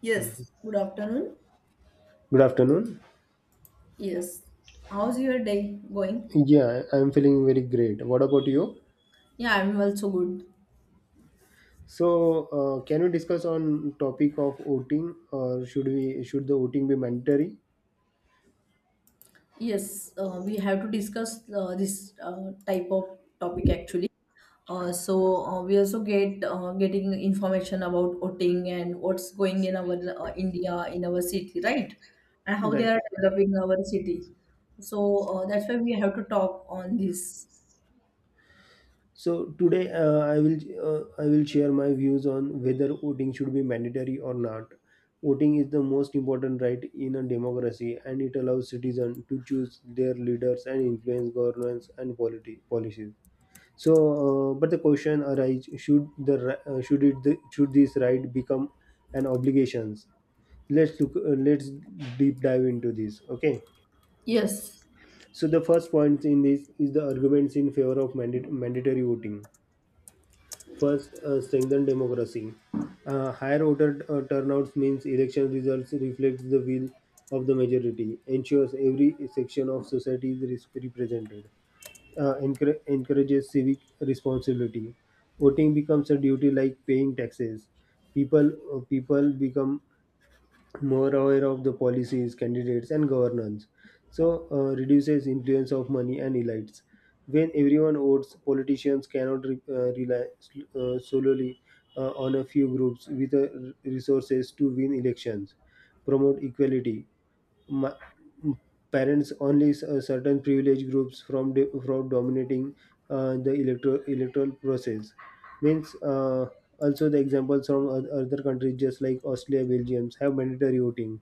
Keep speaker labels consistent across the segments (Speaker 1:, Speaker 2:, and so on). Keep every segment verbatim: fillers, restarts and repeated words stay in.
Speaker 1: Yes, good afternoon.
Speaker 2: Good afternoon.
Speaker 1: Yes. How's your day going?
Speaker 2: Yeah, I'm feeling very great. What about you?
Speaker 1: Yeah, I'm also good.
Speaker 2: So, uh, can we discuss on topic of voting, or should we should the voting be mandatory?
Speaker 1: Yes, uh, we have to discuss uh, this uh, type of topic actually. Uh, so uh, we also get uh, getting information about voting and what's going in our uh, India in our city, right? And how they
Speaker 2: Right.
Speaker 1: are developing our city. So uh, that's why we have to talk on this.
Speaker 2: So today, uh, I will uh, I will share my views on whether voting should be mandatory or not. Voting is the most important right in a democracy, and it allows citizens to choose their leaders and influence governance and polity policies. So, uh, but the question arises: Should the ri- uh, should it the, should this right become an obligations? Let's look. Uh, let's deep dive into this. Okay.
Speaker 1: Yes.
Speaker 2: So the first point in this is the arguments in favor of mandate, mandatory voting. First, uh, strengthen democracy. Uh, higher voter uh, turnouts means election results reflects the will of the majority. Ensures every section of society is res- represented uh, encour- encourages civic responsibility. Voting becomes a duty like paying taxes. People uh, people become more aware of the policies, candidates, and governance. So uh, reduces influence of money and elites. When everyone votes, politicians cannot re- uh, rely uh, solely uh, on a few groups with uh, resources to win elections. Promote equality. Ma- parents only s- uh, certain privileged groups from do- from dominating uh, the electoral electoral process means uh, also the examples from oth- other countries just like austria belgium have mandatory voting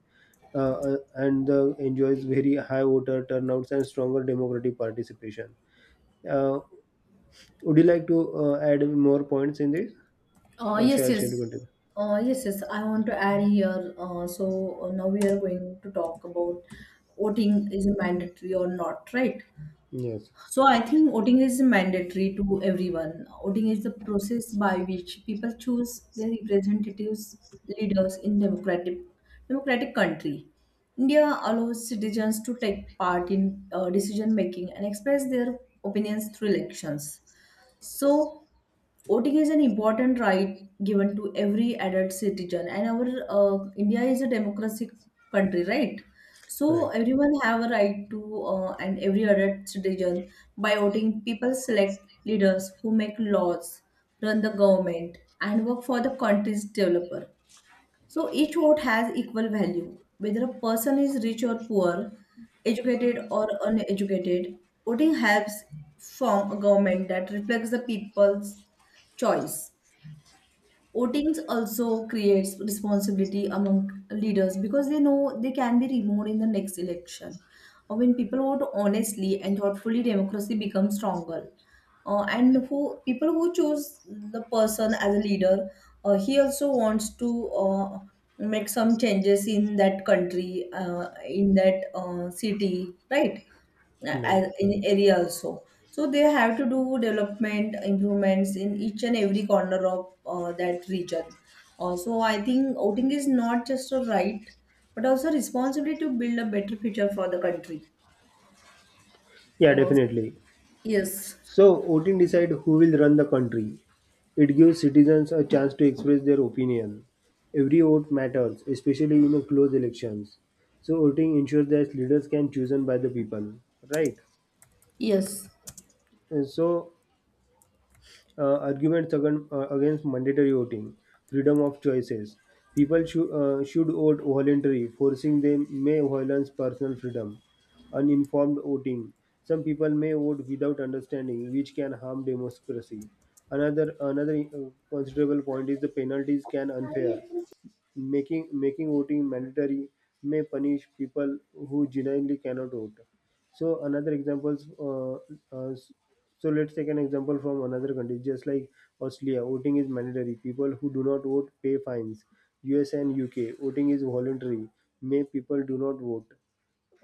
Speaker 2: uh, uh, and uh, enjoys very high voter turnouts and stronger democratic participation uh, would you like to uh, add more points in this
Speaker 1: Uh,
Speaker 2: or
Speaker 1: yes,
Speaker 2: shall, shall we
Speaker 1: yes.
Speaker 2: continue?
Speaker 1: Uh, yes, yes. I want to add here. Uh, so uh, now we are going to talk about voting is mandatory or not, right?
Speaker 2: Yes.
Speaker 1: So I think voting is mandatory to everyone. Voting is the process by which people choose their representatives, leaders in democratic democratic country. India allows citizens to take part in uh, decision making and express their opinions through elections. So voting is an important right given to every adult citizen, and our uh, India is a democratic country, right? So
Speaker 2: Right.
Speaker 1: everyone have a right to uh, and every adult citizen, by voting, people select leaders who make laws, run the government, and work for the country's developer. So each vote has equal value, whether a person is rich or poor, educated or uneducated. Voting helps form a government that reflects the people's choice. Votings also creates responsibility among leaders because they know they can be removed in the next election. Uh, When people vote honestly and thoughtfully, democracy becomes stronger. Uh, and who people who choose the person as a leader, uh, he also wants to uh, make some changes in that country, uh, in that uh, city, right? As
Speaker 2: Right.
Speaker 1: in area also, so they have to do development improvements in each and every corner of uh, that region. Uh, so I think voting is not just a right, but also responsibility to build a better future for the country.
Speaker 2: Yeah,
Speaker 1: Uh,
Speaker 2: definitely.
Speaker 1: yes,
Speaker 2: So, voting decide who will run the country. It gives citizens a chance to express their opinion. Every vote matters, especially in a close elections. So, voting ensures that leaders can chosen by the people, right?
Speaker 1: yes,
Speaker 2: And so, uh, arguments against, uh, against mandatory voting, freedom of choices. People should uh, should vote voluntarily, forcing them may violence personal freedom. Uninformed voting. Some people may vote without understanding, which can harm democracy. Another another uh, considerable point is the penalties can unfair. Making making voting mandatory may punish people who genuinely cannot vote. So another example, uh, uh, so let's take an example from another country, just like Australia, voting is mandatory. People who do not vote pay fines. U S and U K, voting is voluntary. May people do not vote.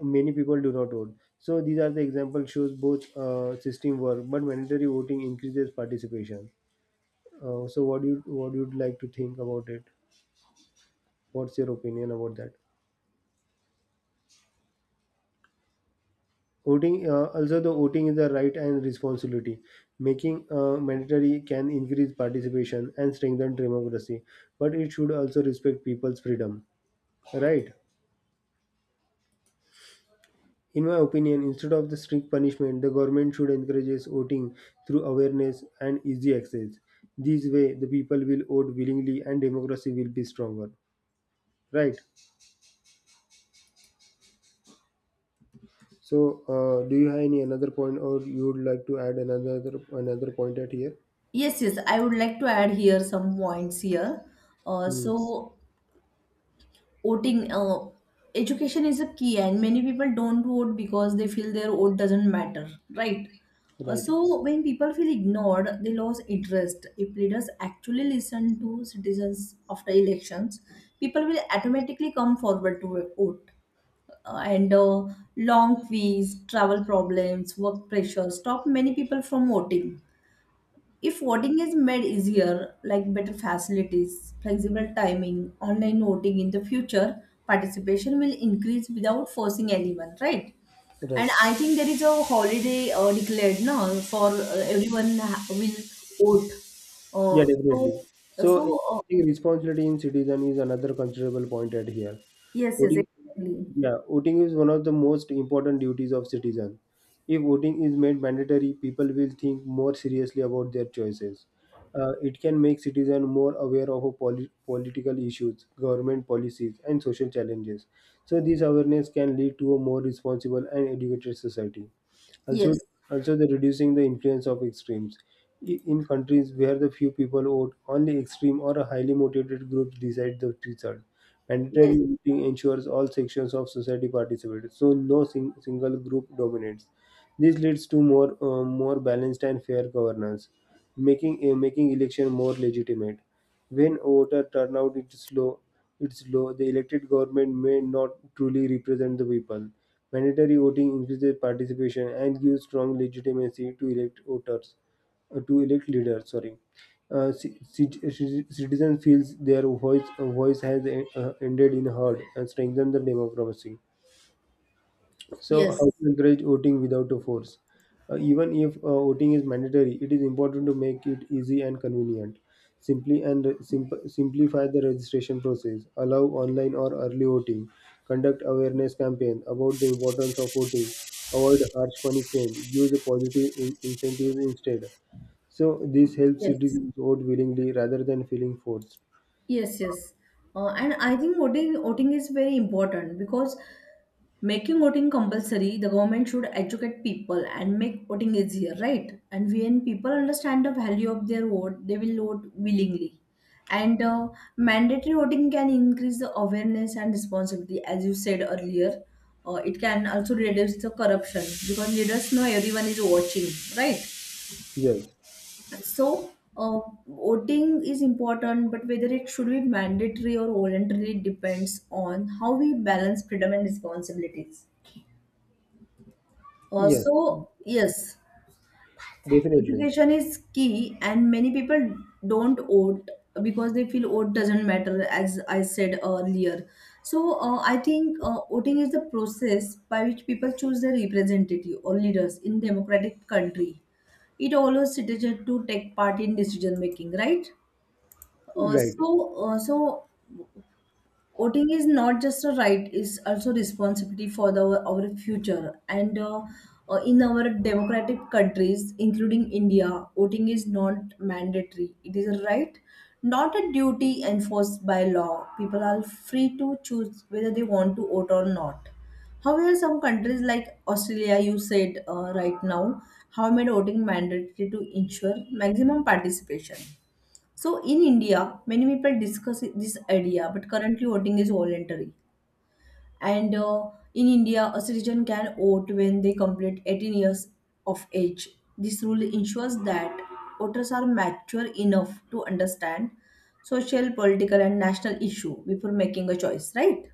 Speaker 2: Many people do not vote. So these are the example shows both uh, system work, but mandatory voting increases participation. Uh, so what do you what do you like to think about it? What's your opinion about that? Voting, uh, also the voting is a right and responsibility. Making uh, mandatory can increase participation and strengthen democracy, but it should also respect people's freedom. Right? In my opinion, instead of the strict punishment, the government should encourage voting through awareness and easy access. This way, the people will vote willingly and democracy will be stronger. Right. So, uh, do you have any another point, or you would like to add another another point at here?
Speaker 1: yes, yes. I would like to add here some points here. Uh,
Speaker 2: Hmm.
Speaker 1: so Voting uh, education is a key, and many people don't vote because they feel their vote doesn't matter, right? Uh,
Speaker 2: Right.
Speaker 1: so when people feel ignored, they lose interest. If leaders actually listen to citizens after elections, people will automatically come forward to vote. Uh, and uh, Long queues, travel problems, work pressure stop many people from voting. If voting is made easier, like better facilities, flexible timing, online voting in the future, participation will increase without forcing anyone, right?
Speaker 2: Right.
Speaker 1: And I think there is a holiday uh, declared now for uh, everyone ha- will vote.
Speaker 2: Yeah,
Speaker 1: Uh, so,
Speaker 2: definitely. So,
Speaker 1: so uh,
Speaker 2: encouraging responsibility in citizen is another considerable point at here.
Speaker 1: yes, yes,
Speaker 2: Voting,
Speaker 1: exactly.
Speaker 2: yeah, voting is one of the most important duties of citizen. If voting is made mandatory, people will think more seriously about their choices. Uh, it can make citizen more aware of poli- political issues, government policies, and social challenges. So, this awareness can lead to a more responsible and educated society. Also,
Speaker 1: Yes,
Speaker 2: also the reducing the influence of extremes. I- In countries where the few people vote, only extreme or a highly motivated group decide the result. Mandatory
Speaker 1: yes,
Speaker 2: voting ensures all sections of society participate, so no sing- single group dominates. This leads to more, uh, more balanced and fair governance, making uh, making election more legitimate. When voter turnout is low, it's low, the elected government may not truly represent the people. Mandatory voting increases participation and gives strong legitimacy to elect voters, uh, to elect leaders. Sorry, uh, ci- ci- citizen feels their voice, uh, voice has uh, ended in heard and strengthen the democracy. So,
Speaker 1: yes,
Speaker 2: how to encourage voting without a force? Uh, even if uh, voting is mandatory, it is important to make it easy and convenient. Simply and simp- simplify the registration process. Allow online or early voting. Conduct awareness campaign about the importance of voting. Avoid harsh punishment. Use positive in- incentives instead. So this helps
Speaker 1: yes.
Speaker 2: citizens vote willingly rather than feeling forced.
Speaker 1: Yes, yes. Uh, and I think voting voting is very important because making voting compulsory, the government should educate people and make voting easier, right? And when people understand the value of their vote, they will vote willingly. And uh, Mandatory voting can increase the awareness and responsibility, as you said earlier. Uh, it can also reduce the corruption because leaders know everyone is watching, right?
Speaker 2: Yes.
Speaker 1: So, uh, Voting is important, but whether it should be mandatory or voluntary depends on how we balance freedom and responsibilities.
Speaker 2: Yes.
Speaker 1: Also, yes,
Speaker 2: Definitely.
Speaker 1: education is key, and many people don't vote because they feel vote doesn't matter, as I said earlier. So, uh, I think uh, voting is the process by which people choose their representative or leaders in democratic country. It allows citizens to take part in decision making, right? Uh,
Speaker 2: Right.
Speaker 1: so, uh, so Voting is not just a right; it's also responsibility for the our future. And uh, uh, In our democratic countries, including India, voting is not mandatory. It is a right, not a duty enforced by law. People are free to choose whether they want to vote or not. However, some countries like Australia, you said uh, right now, have made voting mandatory to ensure maximum participation. So in India, many people discuss this idea, but currently voting is voluntary. And uh, In India, a citizen can vote when they complete eighteen years of age. This rule ensures that voters are mature enough to understand social, political, and national issue before making a choice, right?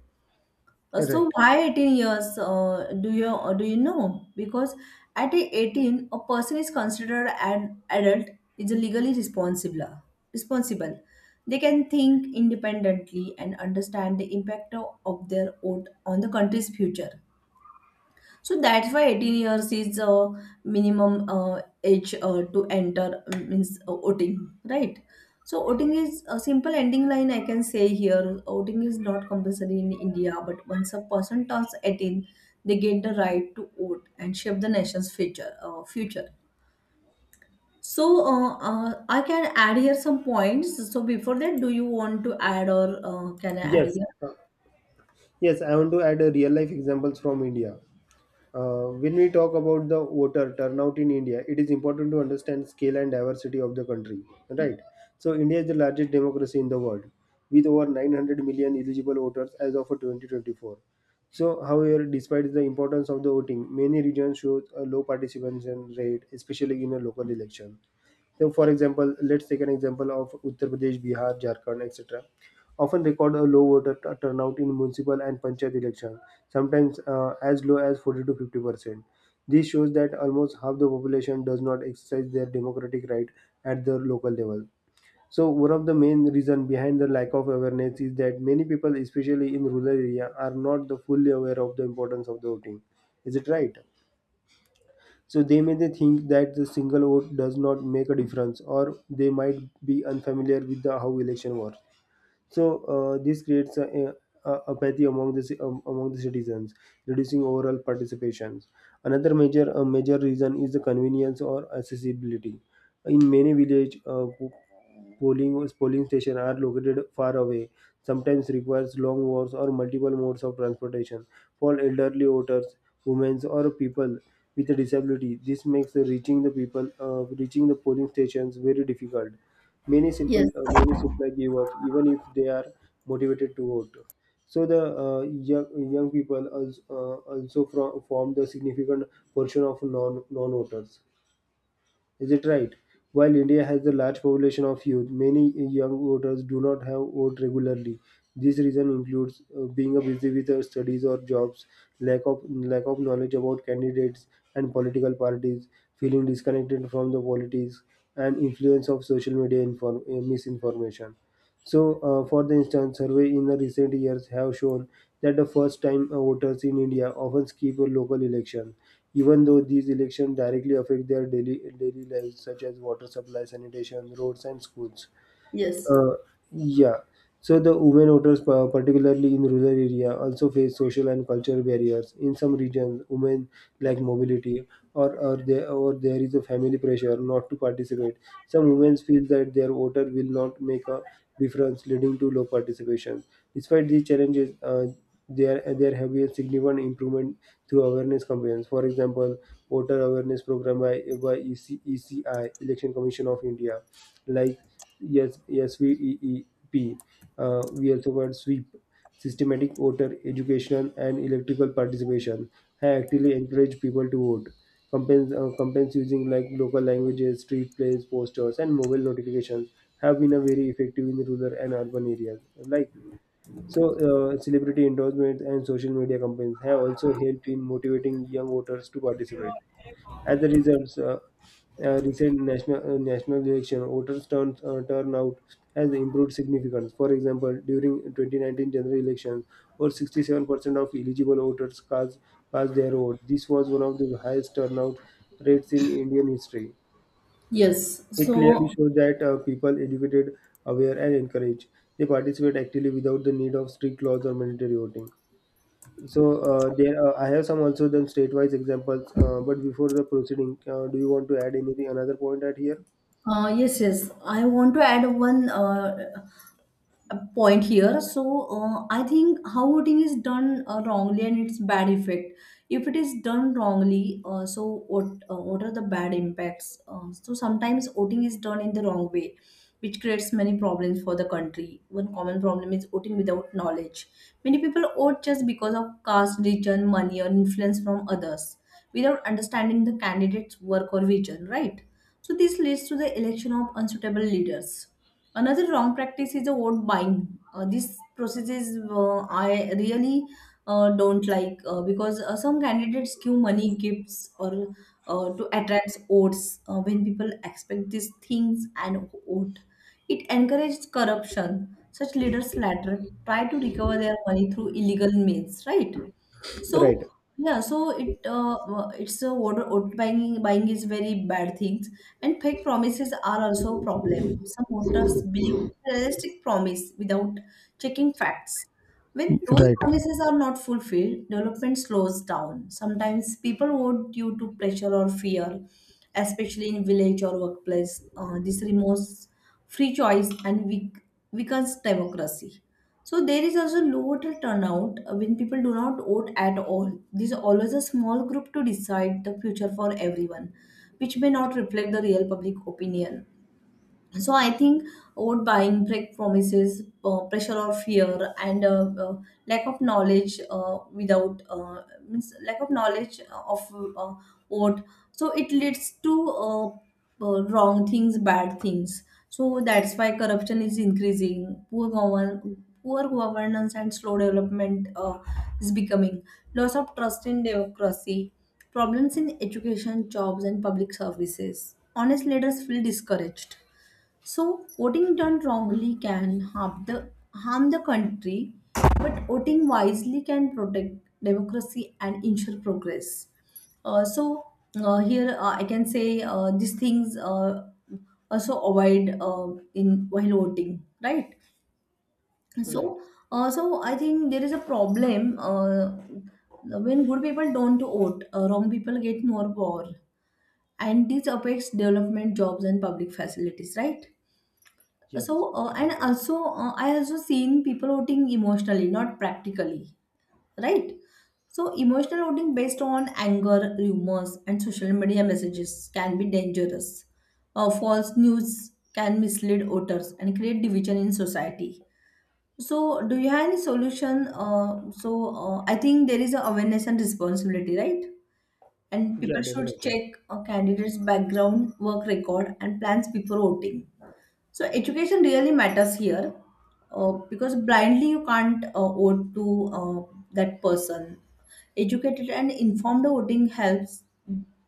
Speaker 1: Uh, So
Speaker 2: Right.
Speaker 1: why eighteen years? Uh, do you uh, do you know? Because at eighteen, a person is considered an adult, is legally responsible. Responsible. They can think independently and understand the impact of of their vote on the country's future. So that's why eighteen years is a minimum uh, age uh, to enter um, means uh, voting, right? So voting is a simple ending line I can say here. Voting is not compulsory in India, but once a person turns eighteen, they get the right to vote and shape the nation's future. Uh, future. So uh, uh, I can add here some points. So before that, do you want to add, or uh, can I add
Speaker 2: Yes.
Speaker 1: here?
Speaker 2: Uh, Yes, I want to add a real life examples from India. Uh, when we talk about the voter turnout in India, it is important to understand scale and diversity of the country, right? So India is the largest democracy in the world, with over nine hundred million eligible voters as of twenty twenty-four. So, however, despite the importance of the voting, many regions show a low participation rate, especially in a local election. So, for example, let's take an example of Uttar Pradesh, Bihar, Jharkhand, et cetera. Often record a low voter t- turnout in municipal and panchayat election, sometimes uh, as low as forty to fifty percent. This shows that almost half the population does not exercise their democratic right at the local level. So, one of the main reason behind the lack of awareness is that many people, especially in rural area, are not the fully aware of the importance of the voting. Is it right? So they may they think that the single vote does not make a difference, or they might be unfamiliar with the, how election works. So uh, this creates a, a a- apathy among the ci- um, among the citizens, reducing overall participation. Another major uh, major reason is the convenience or accessibility. In many village uh, po- polling polling stations are located far away. Sometimes requires long walks or multiple modes of transportation. For elderly voters, women, or people with a disability, this makes reaching the people uh, reaching the polling stations very difficult. many simple
Speaker 1: Yes,
Speaker 2: uh, many simply give up even if they are motivated to vote. So the uh, young, young people also, uh, also from, form the significant portion of non non voters, is it right? While India has a large population of youth, many young voters do not have vote regularly. This reason includes uh, being uh, busy with uh, studies or jobs, lack of lack of knowledge about candidates and political parties, feeling disconnected from the politics, and influence of social media inform- uh, misinformation. So, uh, for the instance, survey in the recent years have shown that the first-time uh, voters in India often skip a local election, even though these elections directly affect their daily daily lives, such as water supply, sanitation, roads, and schools.
Speaker 1: yes.
Speaker 2: Uh, yeah. So the women voters, pa- particularly in rural area, also face social and cultural barriers. In some regions, women lack mobility, or or there or there is a family pressure not to participate. Some women feel that their voter will not make a difference, leading to low participation. Despite these challenges, uh, there there have been significant improvement through awareness campaigns. For example, voter awareness program by by E C E C I Election Commission of India, like yes yes we e e p uh, we also got sweep systematic voter education and electrical participation have actively encourage people to vote campaigns uh, campaigns using like local languages street plays posters and mobile notifications have been a very effective in rural and urban areas like. So uh, celebrity endorsements and social media campaigns have also helped in motivating young voters to participate. As a result, uh, uh, recent national uh, national election, voters' turn, uh, turnout has improved significantly. For example, during twenty nineteen general elections, over sixty-seven percent of eligible voters cast, cast their vote. This was one of the highest turnout rates in Indian history.
Speaker 1: Yes.
Speaker 2: It clearly
Speaker 1: So
Speaker 2: shows that uh, people educated, aware, and encouraged. They participate actively without the need of strict laws or mandatory voting. So uh, there, uh, I have some also then state-wise examples. Uh, but before the proceeding, uh, do you want to add anything? Another point at here?
Speaker 1: Uh, yes, yes. I want to add one uh, a point here. So uh, I think how voting is done uh, wrongly and its bad effect. If it is done wrongly, uh, so what uh, what are the bad impacts? Uh, so sometimes voting is done in the wrong way, which creates many problems for the country. One common problem is voting without knowledge. Many people vote just because of caste, religion, money, or influence from others, without understanding the candidate's work or vision. Right. So this leads to the election of unsuitable leaders. Another wrong practice is the vote buying. Uh, this process is uh, I really uh, don't like uh, because uh, some candidates give money, gifts, or uh, to attract votes. Uh, when people expect these things and vote, it encourages corruption. Such leaders later try to recover their money through illegal means, right?
Speaker 2: Right,
Speaker 1: So yeah, so it uh, uh, it's a what what buying buying is very bad things, and fake promises are also a problem. Some voters believe in realistic promise without checking facts. When those
Speaker 2: right.
Speaker 1: promises are not fulfilled, development slows down. Sometimes people vote due to pressure or fear, especially in village or workplace. Uh, this removes free choice and weak, weakens democracy. So there is also lower turnout uh, when people do not vote at all. This is always a small group to decide the future for everyone, which may not reflect the real public opinion. So I think over buying, break promises, uh, pressure or fear, and uh, uh, lack of knowledge uh, without uh, means lack of knowledge uh, of uh, what so it leads to uh, uh, wrong things, bad things. So that's why corruption is increasing, poor govern poor governance and slow development uh, is becoming loss of trust in democracy, problems in education, jobs, and public services. Honest leaders feel discouraged. So voting done wrongly can harm the, harm the country, but voting wisely can protect democracy and ensure progress. Uh, so, uh, Here uh, I can say uh, these things uh, also avoid uh, in while voting, right?
Speaker 2: Right.
Speaker 1: So, uh, so I think there is a problem uh, when good people don't vote, uh, wrong people get more power, and this affects development, jobs, and public facilities, right?
Speaker 2: Yes,
Speaker 1: so uh,
Speaker 2: that
Speaker 1: and
Speaker 2: is right.
Speaker 1: also uh, I also seen people voting emotionally, not practically, right? So emotional voting based on anger, rumors, and social media messages can be dangerous. Uh, false news can mislead voters and create division in society. So do you have any solution? uh, so uh, I think there is a awareness and responsibility, right? And
Speaker 2: Yeah,
Speaker 1: people should
Speaker 2: definitely.
Speaker 1: check a candidate's background, work record, and plans before voting. So education really matters here, uh, because blindly you can't uh, vote to uh, that person. Educated and informed voting helps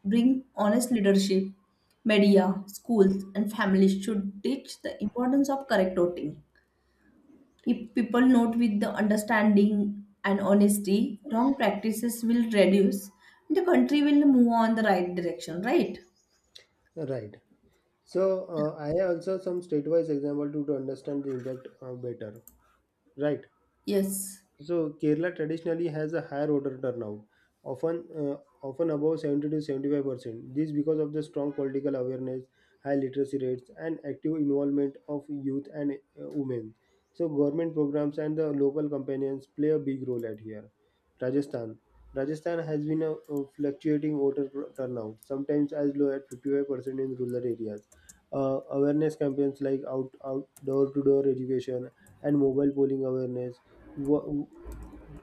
Speaker 1: bring honest leadership. Media, schools, and families should teach the importance of correct voting. If people note with the understanding and honesty, wrong practices will reduce and the country will move on the right direction, right?
Speaker 2: Right. So uh, I have also some state-wise example to, to understand the impact uh, better. Right.
Speaker 1: Yes,
Speaker 2: So Kerala traditionally has a higher order turnout, often uh, often above seventy to seventy-five percent. This because of the strong political awareness, high literacy rates, and active involvement of youth and uh, women. So government programs and the local companions play a big role at here. Rajasthan. Rajasthan has been a, a fluctuating voter pr- turnout, sometimes as low as fifty-five percent in rural areas. Uh, awareness campaigns like out, out door-to-door education and mobile polling awareness wa-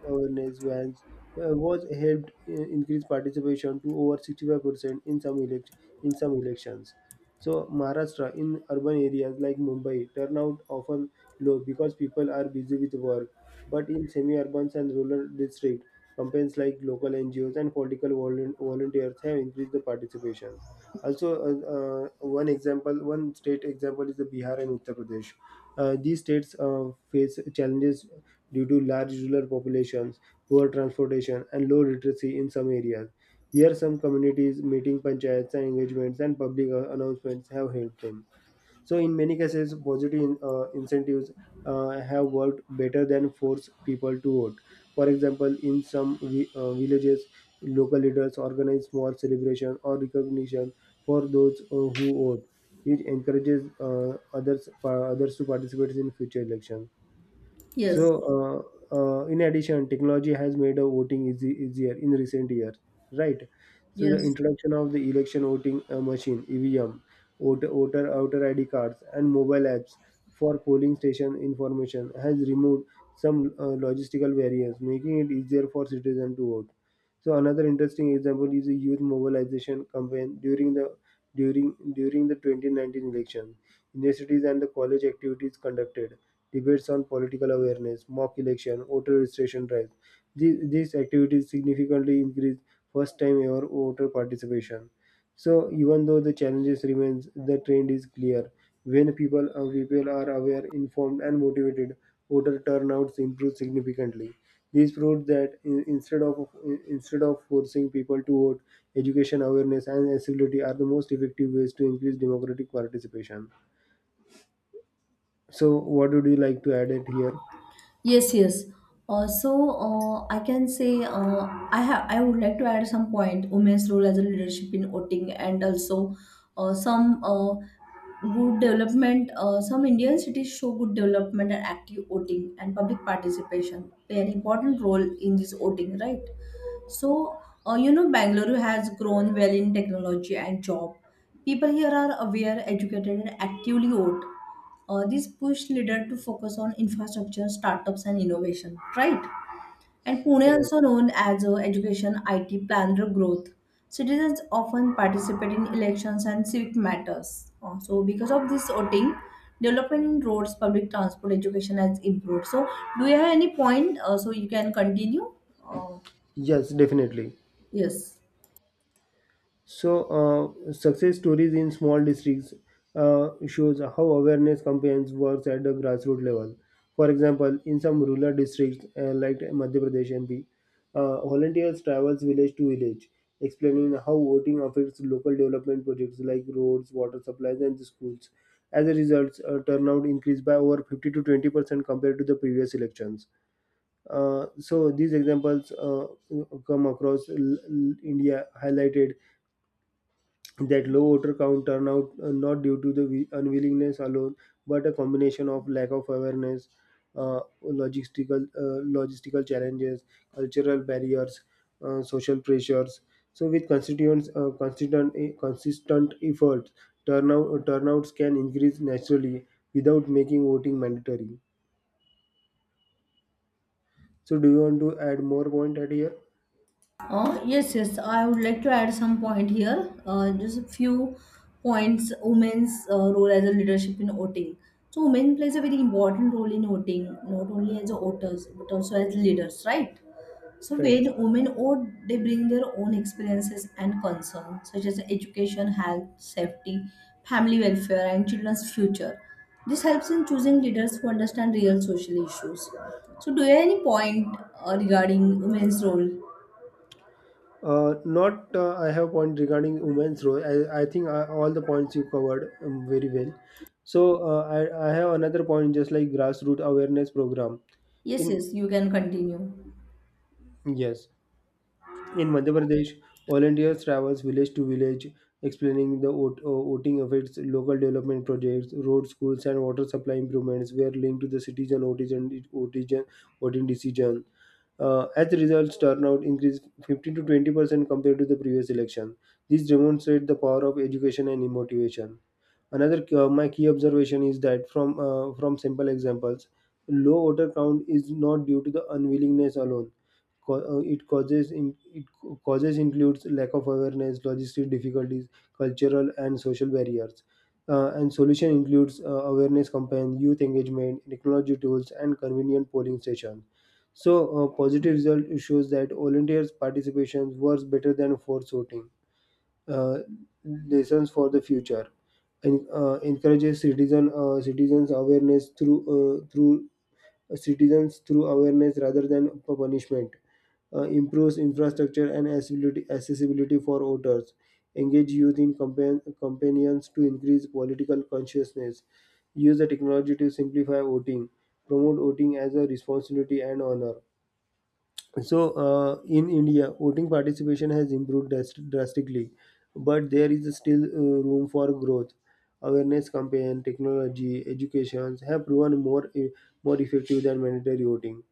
Speaker 2: awareness vans uh, was helped uh, increase participation to over sixty-five percent in some elect- in some elections. So Maharashtra, in urban areas like Mumbai, turnout often low because people are busy with work. But in semi-urban and rural districts, campaigns like local N G Os and political volun- volunteers have increased the participation. Also, uh, uh, one example, one state example is the Bihar and Uttar Pradesh. Uh, these states uh, face challenges due to large rural populations, poor transportation, and low literacy in some areas. Here, some communities, meeting panchayats and engagements, and public uh, announcements have helped them. So, in many cases, positive uh, incentives uh, have worked better than force people to vote. For example, in some vi- uh, villages, local leaders organize small celebration or recognition for those uh, who vote, which encourages uh, others pa- others to participate in future elections.
Speaker 1: yes,
Speaker 2: So, uh, uh, in addition, technology has made a voting easy, easier in recent years, right? So, the
Speaker 1: yes.
Speaker 2: introduction of the election voting uh, machine (E V M), voter, voter outer I D cards, and mobile apps for polling station information has removed some uh, logistical barriers, making it easier for citizens to vote. So, another interesting example is the youth mobilization campaign during the during during the twenty nineteen election. Universities and the college activities conducted debates on political awareness, mock election, voter registration drives. These, these activities significantly increase first time ever voter participation. So even though the challenges remains, the trend is clear. When people, uh, people are aware, informed, and motivated, voter turnouts improve significantly. This proves that in, instead of instead of forcing people to vote, education, awareness, and accessibility are the most effective ways to increase democratic participation. So, what would you like to add it here?
Speaker 1: Yes, yes. Uh, so uh, I can say uh, I have I would like to add some point women's role as a leadership in voting, and also uh, some uh, good development. Uh, some Indian cities show good development, and active voting and public participation play an important role in this voting, right? So, uh, you know, Bangalore has grown well in technology and job. People here are aware, educated, and actively vote. Uh, this push leader to focus on infrastructure, startups, and innovation, right? And Pune,
Speaker 2: Right.
Speaker 1: also known as a education I T planner growth, citizens often participate in elections and civic matters. Uh, so, because of this voting, development in roads, public transport, education has improved. So, do you have any point? Uh, so you can continue. Uh,
Speaker 2: Yes, definitely.
Speaker 1: yes.
Speaker 2: So, uh, success stories in small districts uh, shows how awareness campaigns works at the grassroots level. For example, in some rural districts uh, like Madhya Pradesh M P, uh, volunteers travels village to village, explaining how voting affects local development projects like roads, water supplies, and the schools. As a result, uh, turnout increased by over fifty to twenty percent compared to the previous elections. Uh, so these examples uh, come across l- l- India highlighted that low voter count turnout uh, not due to the wi- unwillingness alone, but a combination of lack of awareness, uh, logistical uh, logistical challenges, cultural barriers, uh, social pressures. So with constituents uh, consistent eh, consistent efforts, turnout uh, turnouts can increase naturally without making voting mandatory. So do you want to add more point at here?
Speaker 1: Uh, yes, yes. I would like to add some point here. Uh, just a few points. Women's uh, role as a leadership in voting. So, women plays a very important role in voting, not only as voters but also as leaders, right? So,
Speaker 2: Right.
Speaker 1: when women vote, they bring their own experiences and concerns, such as education, health, safety, family welfare, and children's future. This helps in choosing leaders who understand real social issues. So, do you have any point uh, regarding women's role?
Speaker 2: Uh, not uh, I have point regarding women's role. I, I think uh, all the points you covered um, very well. So uh, I, I have another point just like grassroots awareness program.
Speaker 1: Yes,
Speaker 2: In
Speaker 1: yes, you can continue.
Speaker 2: yes, In Madhya Pradesh, volunteers travels village to village explaining the vote- uh, voting effects, local development projects, road schools and water supply improvements were linked to the citizen voting, voting, voting decision. Uh, as the results turnout increased fifteen to twenty percent compared to the previous election. This demonstrates the power of education and motivation. Another uh, my key observation is that from uh, from simple examples, low voter count is not due to the unwillingness alone. Co- uh, It causes in, it causes includes lack of awareness, logistic difficulties, cultural and social barriers. Uh, and solution includes uh, awareness campaign, youth engagement, technology tools, and convenient polling stations. So, uh, positive result shows that volunteers' participation works better than forced voting uh, lessons for the future and uh, encourages citizen uh, citizens awareness through uh, through uh, citizens through awareness rather than p- punishment, uh, improves infrastructure and accessibility, accessibility for voters, engage youth in compan- companions to increase political consciousness, use the technology to simplify voting, promote voting as a responsibility and honor. So, uh, in India, voting participation has improved dras- drastically, but there is still uh, room for growth. Awareness campaign, technology, education have proven more e- more effective than mandatory voting.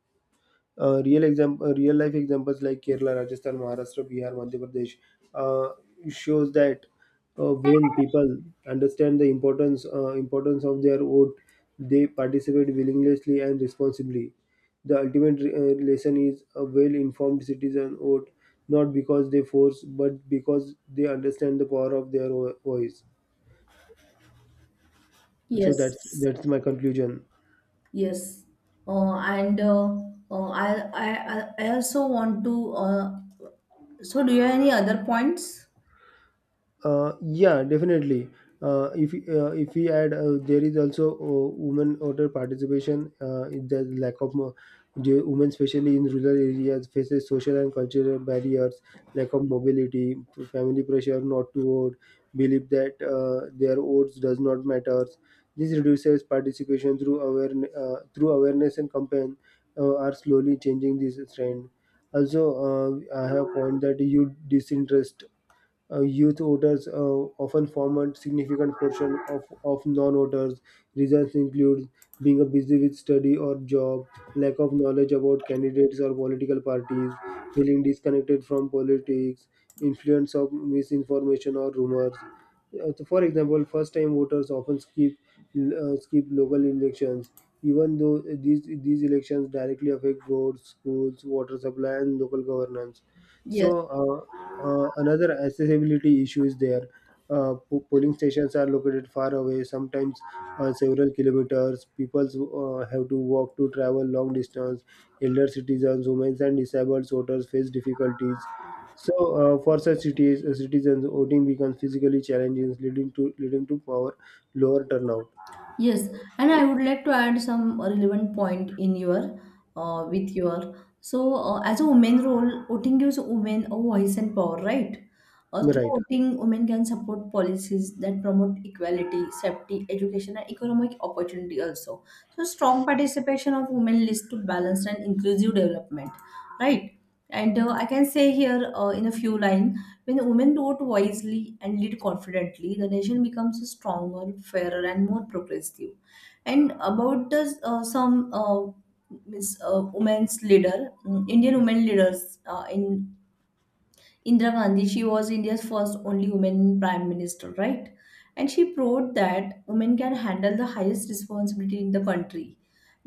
Speaker 2: Uh, real example, real life examples like Kerala, Rajasthan, Maharashtra, Bihar, Madhya Pradesh uh, shows that uh, when people understand the importance uh, importance of their vote, they participate willingly and responsibly. The ultimate uh, lesson is a well-informed citizen vote, not because they force, but because they understand the power of their vo- voice. So that's
Speaker 1: Yes,
Speaker 2: that's my conclusion.
Speaker 1: yes. Uh, and uh, uh, I, I, I I also want to. Uh, so, do you have any other points?
Speaker 2: Uh, yeah, definitely. Uh, if uh, if we add, uh, there is also uh, women voter participation. Uh, in the lack of mo- The women, especially in rural areas, faces social and cultural barriers, lack of mobility, f- family pressure not to vote, believe that uh, their votes does not matter. This reduces participation through awareness, uh, through awareness and campaign uh, are slowly changing this trend. Also, uh, I have point that youth disinterest, uh, youth voters uh, often form a significant portion of, of non-voters. Reasons include being busy with study or job, lack of knowledge about candidates or political parties, feeling disconnected from politics, influence of misinformation or rumors. Uh, so for example, first-time voters often skip uh, skip local elections, even though these these elections directly affect roads, schools, water supply, and local governance. So,
Speaker 1: Yes.
Speaker 2: uh, uh, another accessibility issue is there. Uh, po- polling stations are located far away, sometimes uh, several kilometers. People uh, have to walk to travel long distance. Elder citizens, women, and disabled voters face difficulties. So, uh, for such cities, uh, citizens, voting becomes physically challenging, leading to leading to power lower turnout.
Speaker 1: Yes, and I would like to add some relevant point in your uh, with your so uh, as a woman role, voting gives women a voice and power, right? Uh, through
Speaker 2: Right.
Speaker 1: voting, women can support policies that promote equality, safety, education, and economic opportunity also. So strong participation of women leads to balanced and inclusive development, right? And uh, I can say here uh, in a few lines when women vote wisely and lead confidently, the nation becomes stronger, fairer, and more progressive. And about the, uh, some uh, Miss uh, women's leader, mm, Indian women leaders uh, in Indira Gandhi, she was India's first only woman prime minister, right? And she proved that women can handle the highest responsibility in the country.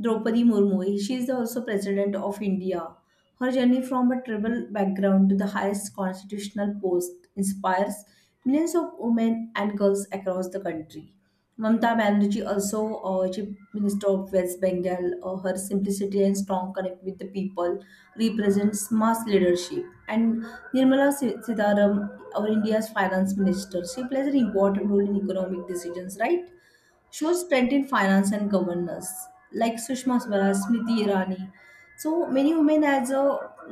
Speaker 1: Draupadi Murmu, she is the also president of India. Her journey from a tribal background to the highest constitutional post inspires millions of women and girls across the country. Mamata Banerjee, also uh, Chief Minister of West Bengal, uh, her simplicity and strong connect with the people represents mass leadership. And Nirmala Si- Sitharam, our India's finance minister, she plays an important role in economic decisions, right? Shows strength in finance and governance, like Sushma Swaraj, Smriti Irani. So many women as a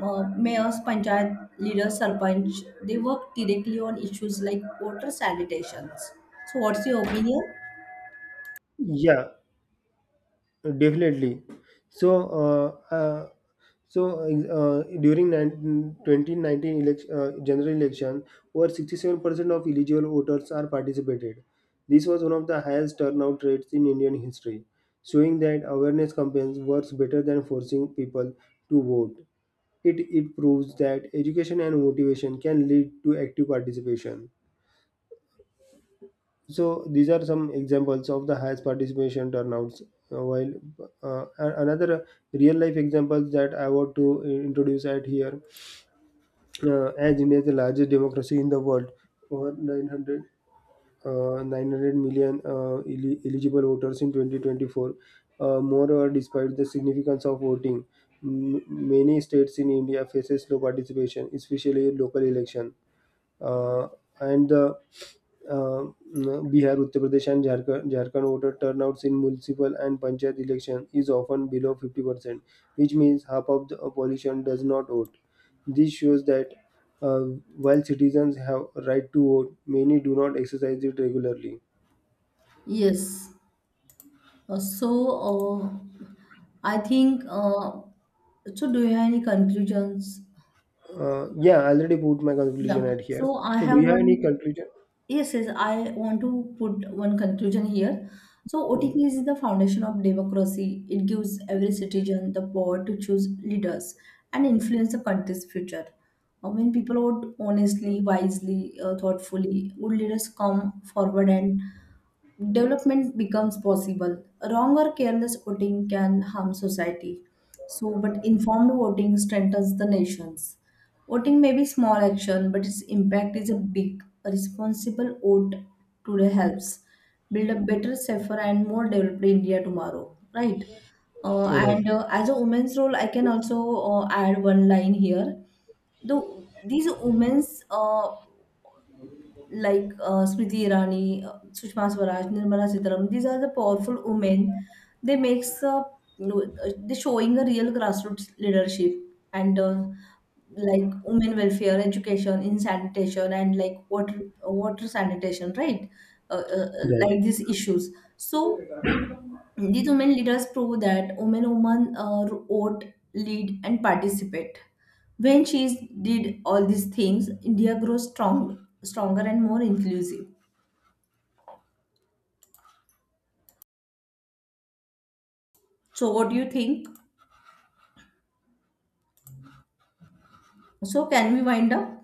Speaker 1: uh, mayors, panchayat leaders, sarpanch, they work directly on issues like water sanitations. So what's your opinion?
Speaker 2: Yeah, definitely. So, uh, uh, so uh, during nineteen twenty nineteen election, uh, general election, over sixty-seven percent of eligible voters are participated. This was one of the highest turnout rates in Indian history, showing that awareness campaigns works better than forcing people to vote. It, it proves that education and motivation can lead to active participation. So these are some examples of the highest participation turnouts. Uh, While uh, a- another real life examples that I want to uh, introduce at here, uh, as India is the largest democracy in the world, over nine hundred, uh, nine hundred million uh, eli- eligible voters in twenty twenty-four. Uh, moreover, despite the significance of voting, m- many states in India faces low participation, especially in local election. Uh, and the uh, Bihar, Uttar Pradesh, and Jharkhand, Jharkhand voter turnouts in municipal and panchayat election is often below fifty percent, which means half of the population does not vote. This shows that uh, while citizens have right to vote, many do not exercise it regularly.
Speaker 1: Yes. Uh, so uh, I think uh, so. Do you have any conclusions?
Speaker 2: Uh, yeah, I already put my
Speaker 1: Yeah.
Speaker 2: conclusion at here.
Speaker 1: So I
Speaker 2: So, do
Speaker 1: have
Speaker 2: you have any
Speaker 1: one.
Speaker 2: conclusion?
Speaker 1: Yes, yes, I want to put one conclusion here. So, O T K is the foundation of democracy. It gives every citizen the power to choose leaders and influence the country's future. Uh, When people vote honestly, wisely, uh, thoughtfully, good leaders come forward and development becomes possible. Wrong or careless voting can harm society. So, but informed voting strengthens the nations. Voting may be small action, but its impact is a big. A responsible vote today helps build a better, safer, and more developed India tomorrow, right? Uh,
Speaker 2: Right,
Speaker 1: and uh, as a woman's role, I can also uh, add one line here. The these women's uh, like uh, Smriti Irani, uh, Sushma Swaraj, Nirmala Sitaram. These are the powerful women. They makes a they showing a real grassroots leadership and uh, like women welfare, education, in sanitation, and like water water sanitation, right? Uh, uh, uh,
Speaker 2: right.
Speaker 1: like these issues. So these women leaders prove that women women uh, vote, lead, and participate. When she did all these things, India grows strong, stronger and more inclusive. So, what do you think? So, can we wind up?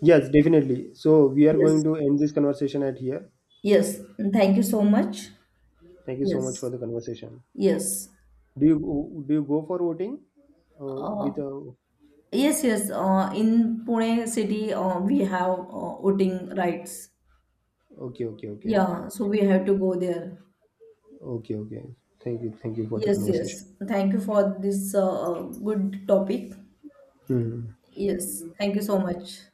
Speaker 2: Yes, definitely. So, we are going
Speaker 1: Yes.
Speaker 2: to end this conversation at here.
Speaker 1: Yes. Thank you so much.
Speaker 2: Thank you so much for
Speaker 1: Yes.
Speaker 2: the conversation.
Speaker 1: Yes.
Speaker 2: Do you go- do you go for voting? Uh,
Speaker 1: Uh,
Speaker 2: with a
Speaker 1: yes. Yes. Uh, in Pune city, uh, we have uh, voting rights.
Speaker 2: Okay, okay, okay,
Speaker 1: Yeah. So we have to go there.
Speaker 2: okay, okay. Thank you, thank you for the
Speaker 1: Yes.
Speaker 2: conversation.
Speaker 1: Yes. Thank you for this uh, uh, good topic.
Speaker 2: Hmm.
Speaker 1: Yes, thank you so much.